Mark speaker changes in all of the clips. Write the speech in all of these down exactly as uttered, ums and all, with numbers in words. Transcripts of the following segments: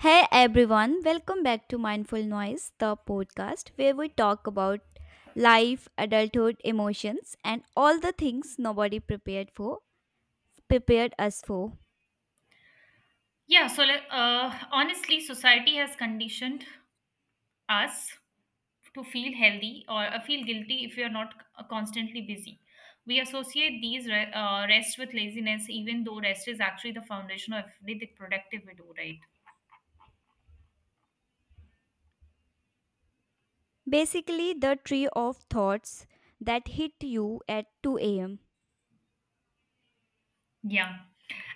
Speaker 1: Hey everyone, welcome back to Mindful Noise, the podcast where we talk about life, adulthood, emotions, and all the things nobody prepared for, prepared us for.
Speaker 2: Yeah, so like, uh, honestly, society has conditioned us to feel healthy or uh, feel guilty if we are not c- uh, constantly busy. We associate these re- uh, rest with laziness, even though rest is actually the foundation of everything productive we do, right?
Speaker 1: Basically, the tree of thoughts that hit you at two a m.
Speaker 2: Yeah,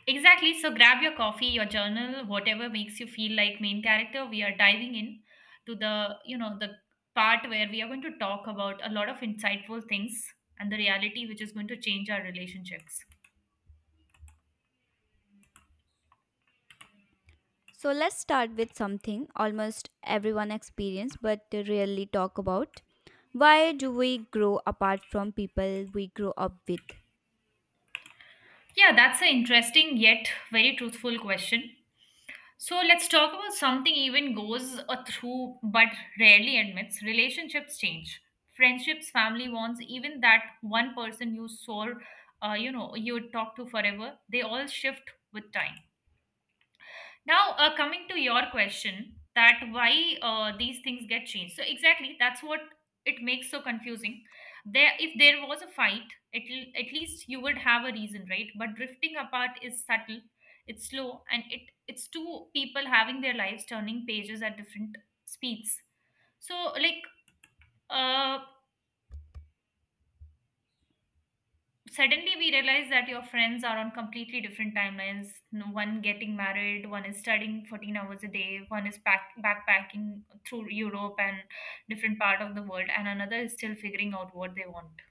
Speaker 2: exactly. So grab your coffee, your journal, whatever makes you feel like main character. We are diving in to the, you know, the part where we are going to talk about a lot of insightful things and the reality which is going to change our relationships.
Speaker 1: So let's start with something almost everyone experiences but rarely talk about. Why do we grow apart from people we grow up with?
Speaker 2: Yeah, that's an interesting yet very truthful question. So let's talk about something even goes a through but rarely admits. Relationships change. Friendships, family wants, even that one person you saw, uh, you know, you would talk to forever, they all shift with time. Now, uh, coming to your question, that why uh, these things get changed. So exactly, that's what it makes so confusing. There, if there was a fight, at l- at least you would have a reason, right? But drifting apart is subtle, it's slow, and it it's two people having their lives turning pages at different speeds. So like, uh, Suddenly we realize that your friends are on completely different timelines. No- One getting married, one is studying fourteen hours a day, one is pack- backpacking through Europe and different part of the world, and another is still figuring out what they want.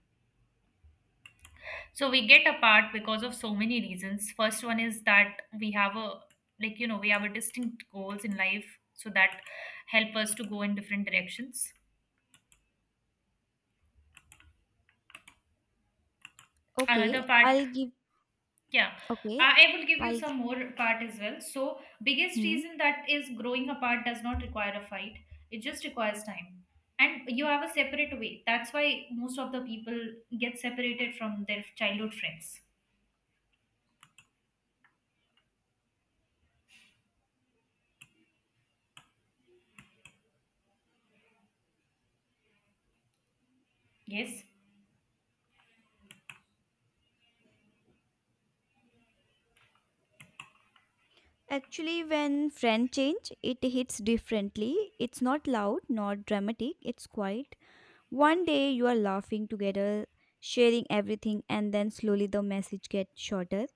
Speaker 2: So we get apart because of so many reasons. First one is that we have a, like you know we have a distinct goals in life, so that help us to go in different directions. Another
Speaker 1: Okay,
Speaker 2: part.
Speaker 1: I'll give
Speaker 2: Yeah,
Speaker 1: okay,
Speaker 2: I I will give you
Speaker 1: I'll
Speaker 2: some more part as well. So, biggest
Speaker 1: hmm.
Speaker 2: reason that is growing apart does not require a fight. It just requires time. And you have a separate way. That's why most of the people get separated from their childhood friends. Yes?
Speaker 1: Actually, when friend change, it hits differently. It's not loud, not dramatic, it's quiet. One day you are laughing together, sharing everything, and then slowly the message gets shorter.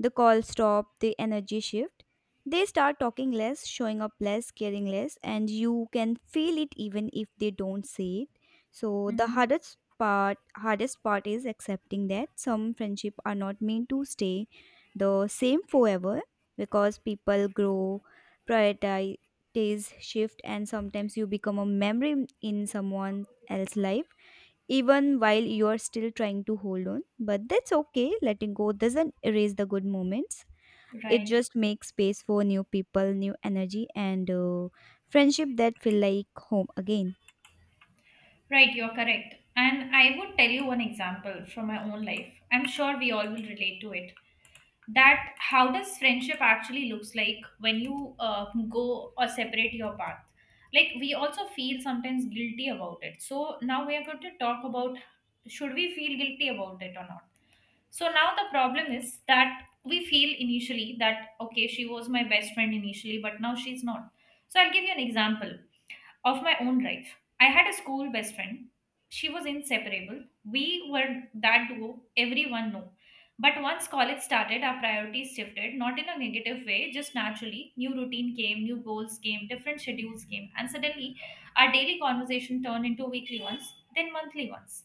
Speaker 1: The call stop, the energy shift. They start talking less, showing up less, caring less, and you can feel it even if they don't say it. So the
Speaker 2: Mm-hmm.
Speaker 1: hardest part hardest part is accepting that some friendship are not meant to stay the same forever, because people grow, prioritize shift, and sometimes you become a memory in someone else life, even while you are still trying to hold on. But that's okay. Letting go doesn't erase the good moments. It
Speaker 2: Right.
Speaker 1: just makes space for new people, new energy, and uh, friendship that feel like home again.
Speaker 2: Right, you're correct. And I would tell you one example from my own life. I'm sure we all will relate to it. That how does friendship actually looks like when you uh, go or separate your path, like we also feel sometimes guilty about it. So now we are going to talk about, should we feel guilty about it or not? So now the problem is that we feel initially that okay, she was my best friend initially, but now she's not. So I'll give you an example of my own life. I had a school best friend. She was inseparable. We were that duo everyone knew. But once college started, our priorities shifted, not in a negative way, just naturally. New routine came, new goals came, different schedules came, and suddenly our daily conversation turned into weekly ones, then monthly ones.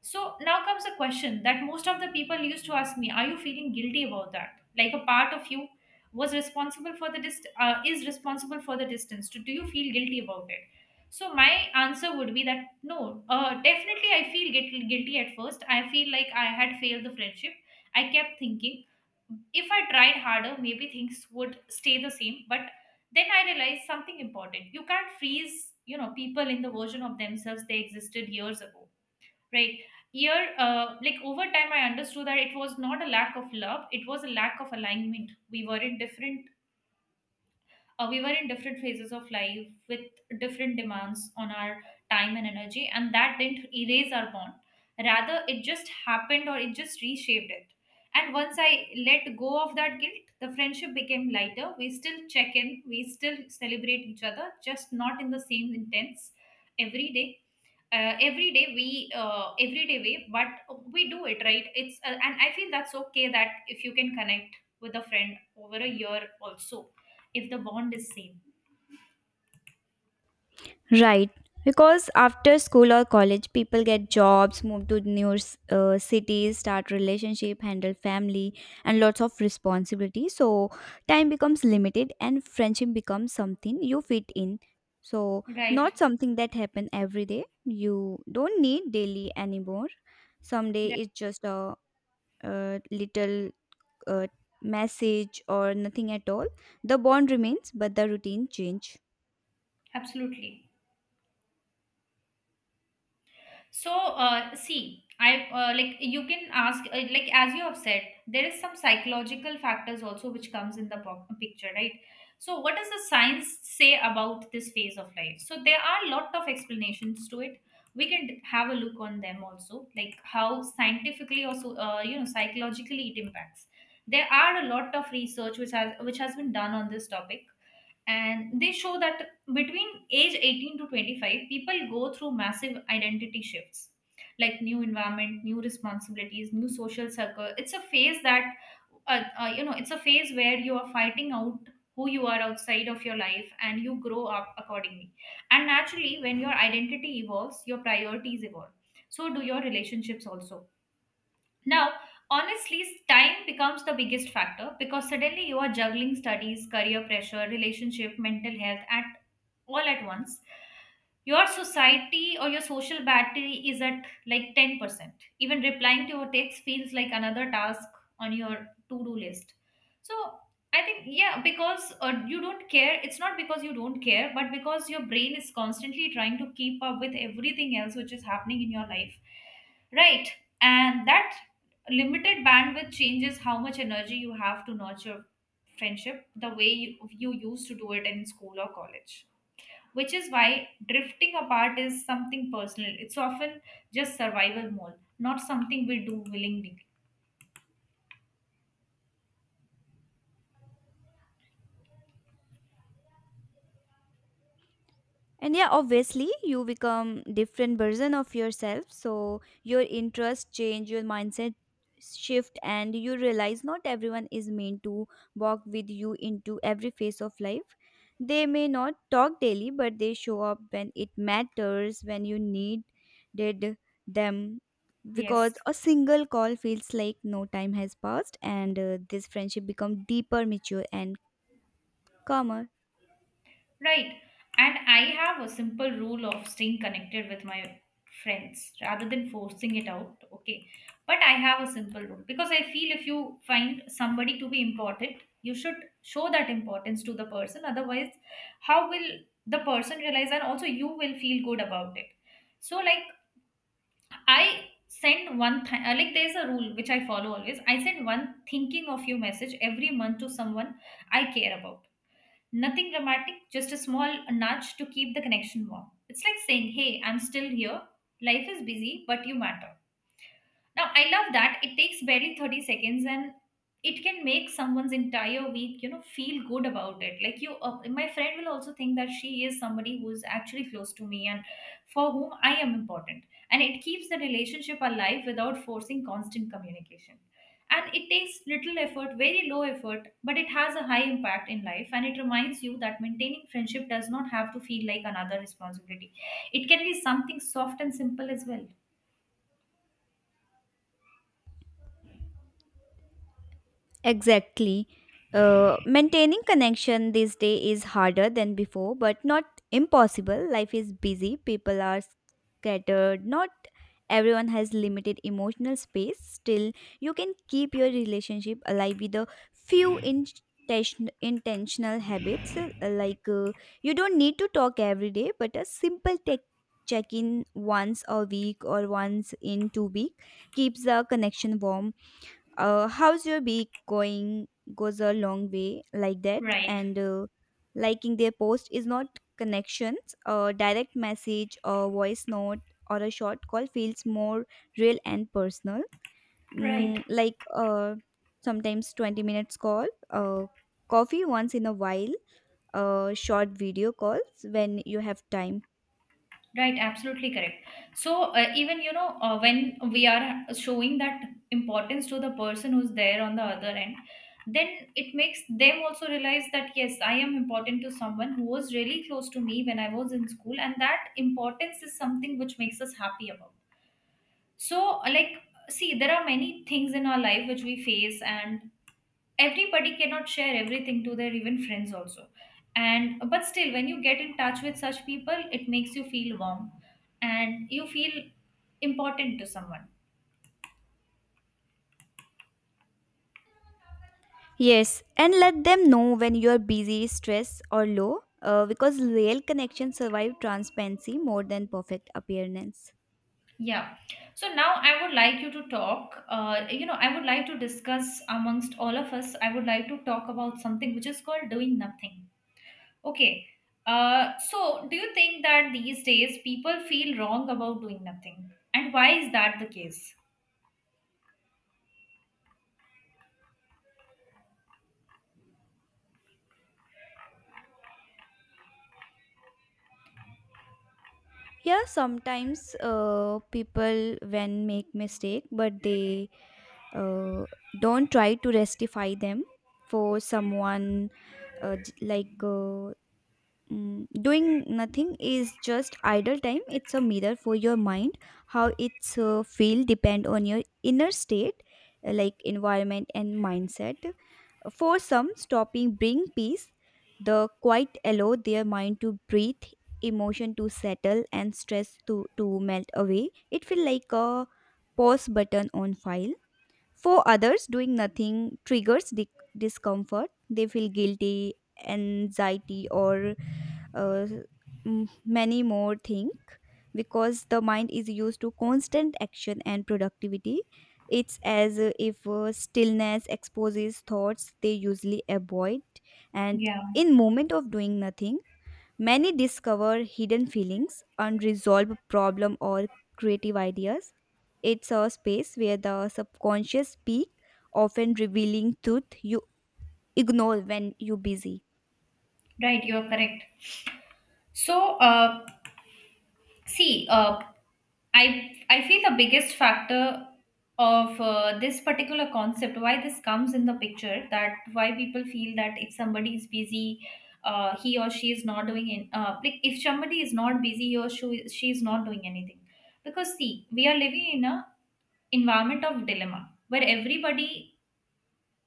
Speaker 2: So now comes a question that most of the people used to ask me: are you feeling guilty about that? Like a part of you was responsible for the dist- uh, is responsible for the distance. Do do you feel guilty about it? So my answer would be that no, uh, definitely I feel guilty, guilty at first. I feel like I had failed the friendship. I kept thinking if I tried harder, maybe things would stay the same. But then I realized something important. You can't freeze, you know, people in the version of themselves they existed years ago. Right. Here, uh, like over time, I understood that it was not a lack of love; it was a lack of alignment. We were in different, uh, we were in different phases of life with different demands on our time and energy, and that didn't erase our bond. Rather, it just happened, or it just reshaped it. And once I let go of that guilt, the friendship became lighter. We still check in, we still celebrate each other, just not in the same intense every day uh, every day we uh, every day way. But we do it, right? It's uh, and I feel that's okay, that if you can connect with a friend over a year also, if the bond is same.
Speaker 1: Right. Because after school or college, people get jobs, move to new uh, cities, start relationship, handle family, and lots of responsibility. So time becomes limited, and friendship becomes something you fit in. So
Speaker 2: Right,
Speaker 1: not something that happen every day. You don't need daily anymore. Someday
Speaker 2: right.
Speaker 1: it's just a, uh little uh, message or nothing at all. The bond remains, but the routine change.
Speaker 2: Absolutely. So, uh, see, I uh, like you can ask, uh, like as you have said, there is some psychological factors also which comes in the po- picture, right? So, what does the science say about this phase of life? So, there are lot of explanations to it. We can have a look on them also, like how scientifically or so, uh, you know, psychologically it impacts. There are a lot of research which has which has been done on this topic, and they show that between age eighteen to twenty-five people go through massive identity shifts, like new environment, new responsibilities, new social circle. It's a phase that uh, uh, you know it's a phase where you are fighting out who you are outside of your life, and you grow up accordingly. And naturally, when your identity evolves, your priorities evolve, so do your relationships also. Now, honestly, time becomes the biggest factor because suddenly you are juggling studies, career pressure, relationship, mental health at all at once. Your society or your social battery is at like ten percent. Even replying to your text feels like another task on your to-do list. So I think yeah, because uh, you don't care. It's not because you don't care, but because your brain is constantly trying to keep up with everything else which is happening in your life, right? And that limited bandwidth changes how much energy you have to nurture friendship the way you, you used to do it in school or college, which is why drifting apart is something personal. It's often just survival mode, not something we do willingly.
Speaker 1: And yeah, obviously you become different version of yourself. So your interests change, your mindset shift, and you realize not everyone is meant to walk with you into every phase of life. They may not talk daily, but they show up when it matters, when you needed them. Because
Speaker 2: Yes.
Speaker 1: a single call feels like no time has passed, and uh, this friendship become deeper, mature, and calmer.
Speaker 2: Right. And I have a simple rule of staying connected with my friends rather than forcing it out. Okay. But I have a simple rule because I feel if you find somebody to be important, you should show that importance to the person. Otherwise, how will the person realize, and also you will feel good about it? So, like, I send one, th- uh, like, there's a rule which I follow always. I send one thinking of you message every month to someone I care about. Nothing dramatic, just a small nudge to keep the connection warm. It's like saying, Hey, I'm still here. Life is busy, but you matter. Now, I love that. It takes barely thirty seconds and it can make someone's entire week, you know, feel good about it. Like you, uh, my friend will also think that she is somebody who is actually close to me and for whom I am important. And it keeps the relationship alive without forcing constant communication. And it takes little effort, very low effort, but it has a high impact in life. And it reminds you that maintaining friendship does not have to feel like another responsibility. It can be something soft and simple as well.
Speaker 1: Exactly. Uh, maintaining connection these days is harder than before, but not impossible. Life is busy, people are scattered, not everyone has limited emotional space. Still, you can keep your relationship alive with a few intention- intentional habits. uh, Like, uh, you don't need to talk every day, but a simple tech check in once a week or once in two week keeps the connection warm. Uh, how's your week going goes a long way like that.
Speaker 2: Right.
Speaker 1: And uh, liking their post is not connections. A direct message, a voice note, or a short call feels more real and personal.
Speaker 2: Right.
Speaker 1: mm, like uh, Sometimes twenty minutes call, uh, coffee once in a while, uh, short video calls when you have time.
Speaker 2: Right, absolutely correct. So, uh, even you know, uh, when we are showing that importance to the person who's there on the other end, then it makes them also realize that yes, I am important to someone who was really close to me when I was in school, and that importance is something which makes us happy about. So, uh, like, see, there are many things in our life which we face, and everybody cannot share everything to their even friends also, and but still when you get in touch with such people, it makes you feel warm and you feel important to someone.
Speaker 1: Yes, and let them know when you are busy, stressed, or low, uh, because real connections survive transparency more than perfect appearance.
Speaker 2: Yeah, so now I would like you to talk, uh, you know I would like to discuss amongst all of us, I would like to talk about something which is called doing nothing. Okay. Uh, so do you think that these days people feel wrong about doing nothing, and why is that the case?
Speaker 1: Yeah, sometimes uh, people when make mistake, but they uh, don't try to rectify them for someone uh, j- like uh, Mm, doing nothing is just idle time. It's a mirror for your mind, how it's uh, feel depend on your inner state, uh, like environment and mindset. For some, stopping bring peace. The quiet allow their mind to breathe, emotion to settle, and stress to to melt away. It feel like a pause button on file. For others, doing nothing triggers di- discomfort. They feel guilty, anxiety, or uh, m- many more think, because the mind is used to constant action and productivity. It's as if uh, stillness exposes thoughts they usually avoid. And
Speaker 2: Yeah,
Speaker 1: in moment of doing nothing, many discover hidden feelings, unresolved problem, or creative ideas. It's a space where the subconscious speak, often revealing truth you ignore when you busy.
Speaker 2: right, you're correct. So, uh, see, uh, I I feel the biggest factor of uh, this particular concept, why this comes in the picture, that why people feel that if somebody is busy, uh, he or she is not doing in, uh, like if somebody is not busy, he or she, she is not doing anything. Because see, we are living in a environment of dilemma where everybody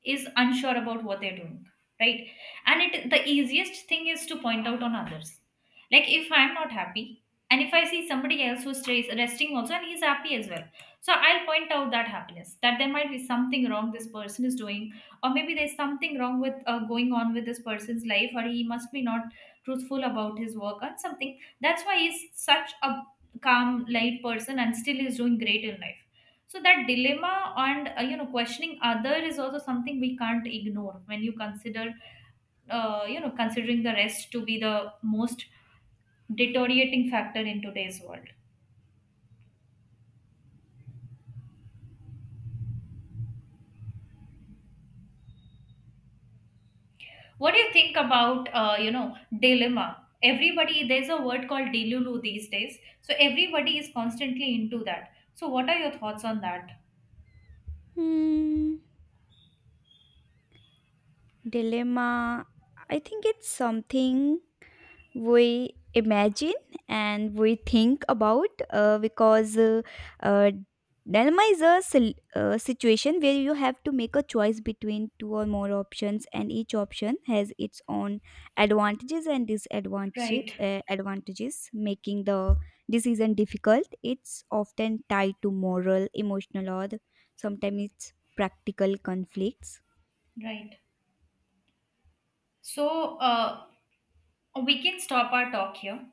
Speaker 2: is unsure about what they're doing, right? And it the easiest thing is to point out on others. Like if I'm not happy and if I see somebody else who's stays resting also and he's happy as well, so I'll point out that happiness, that there might be something wrong this person is doing, or maybe there's something wrong with uh, going on with this person's life, or he must be not truthful about his work or something. That's why he's such a calm light person and still is doing great in life. So that dilemma and uh, you know questioning other is also something we can't ignore when you consider, uh, you know considering the rest to be the most deteriorating factor in today's world. What do you think about, uh, you know dilemma, everybody, there's a word called delulu these days, so everybody is constantly into that. So what are your thoughts on that?
Speaker 1: Hmm. Dilemma, I think it's something we imagine and we think about, uh, because uh, uh, dilemma is a sil- uh, situation where you have to make a choice between two or more options, and each option has its own advantages and disadvantages,
Speaker 2: Right,
Speaker 1: uh, advantages, making the decision difficult. It's often tied to moral, emotional, or sometimes it's practical conflicts.
Speaker 2: right. So uh, we can stop our talk here.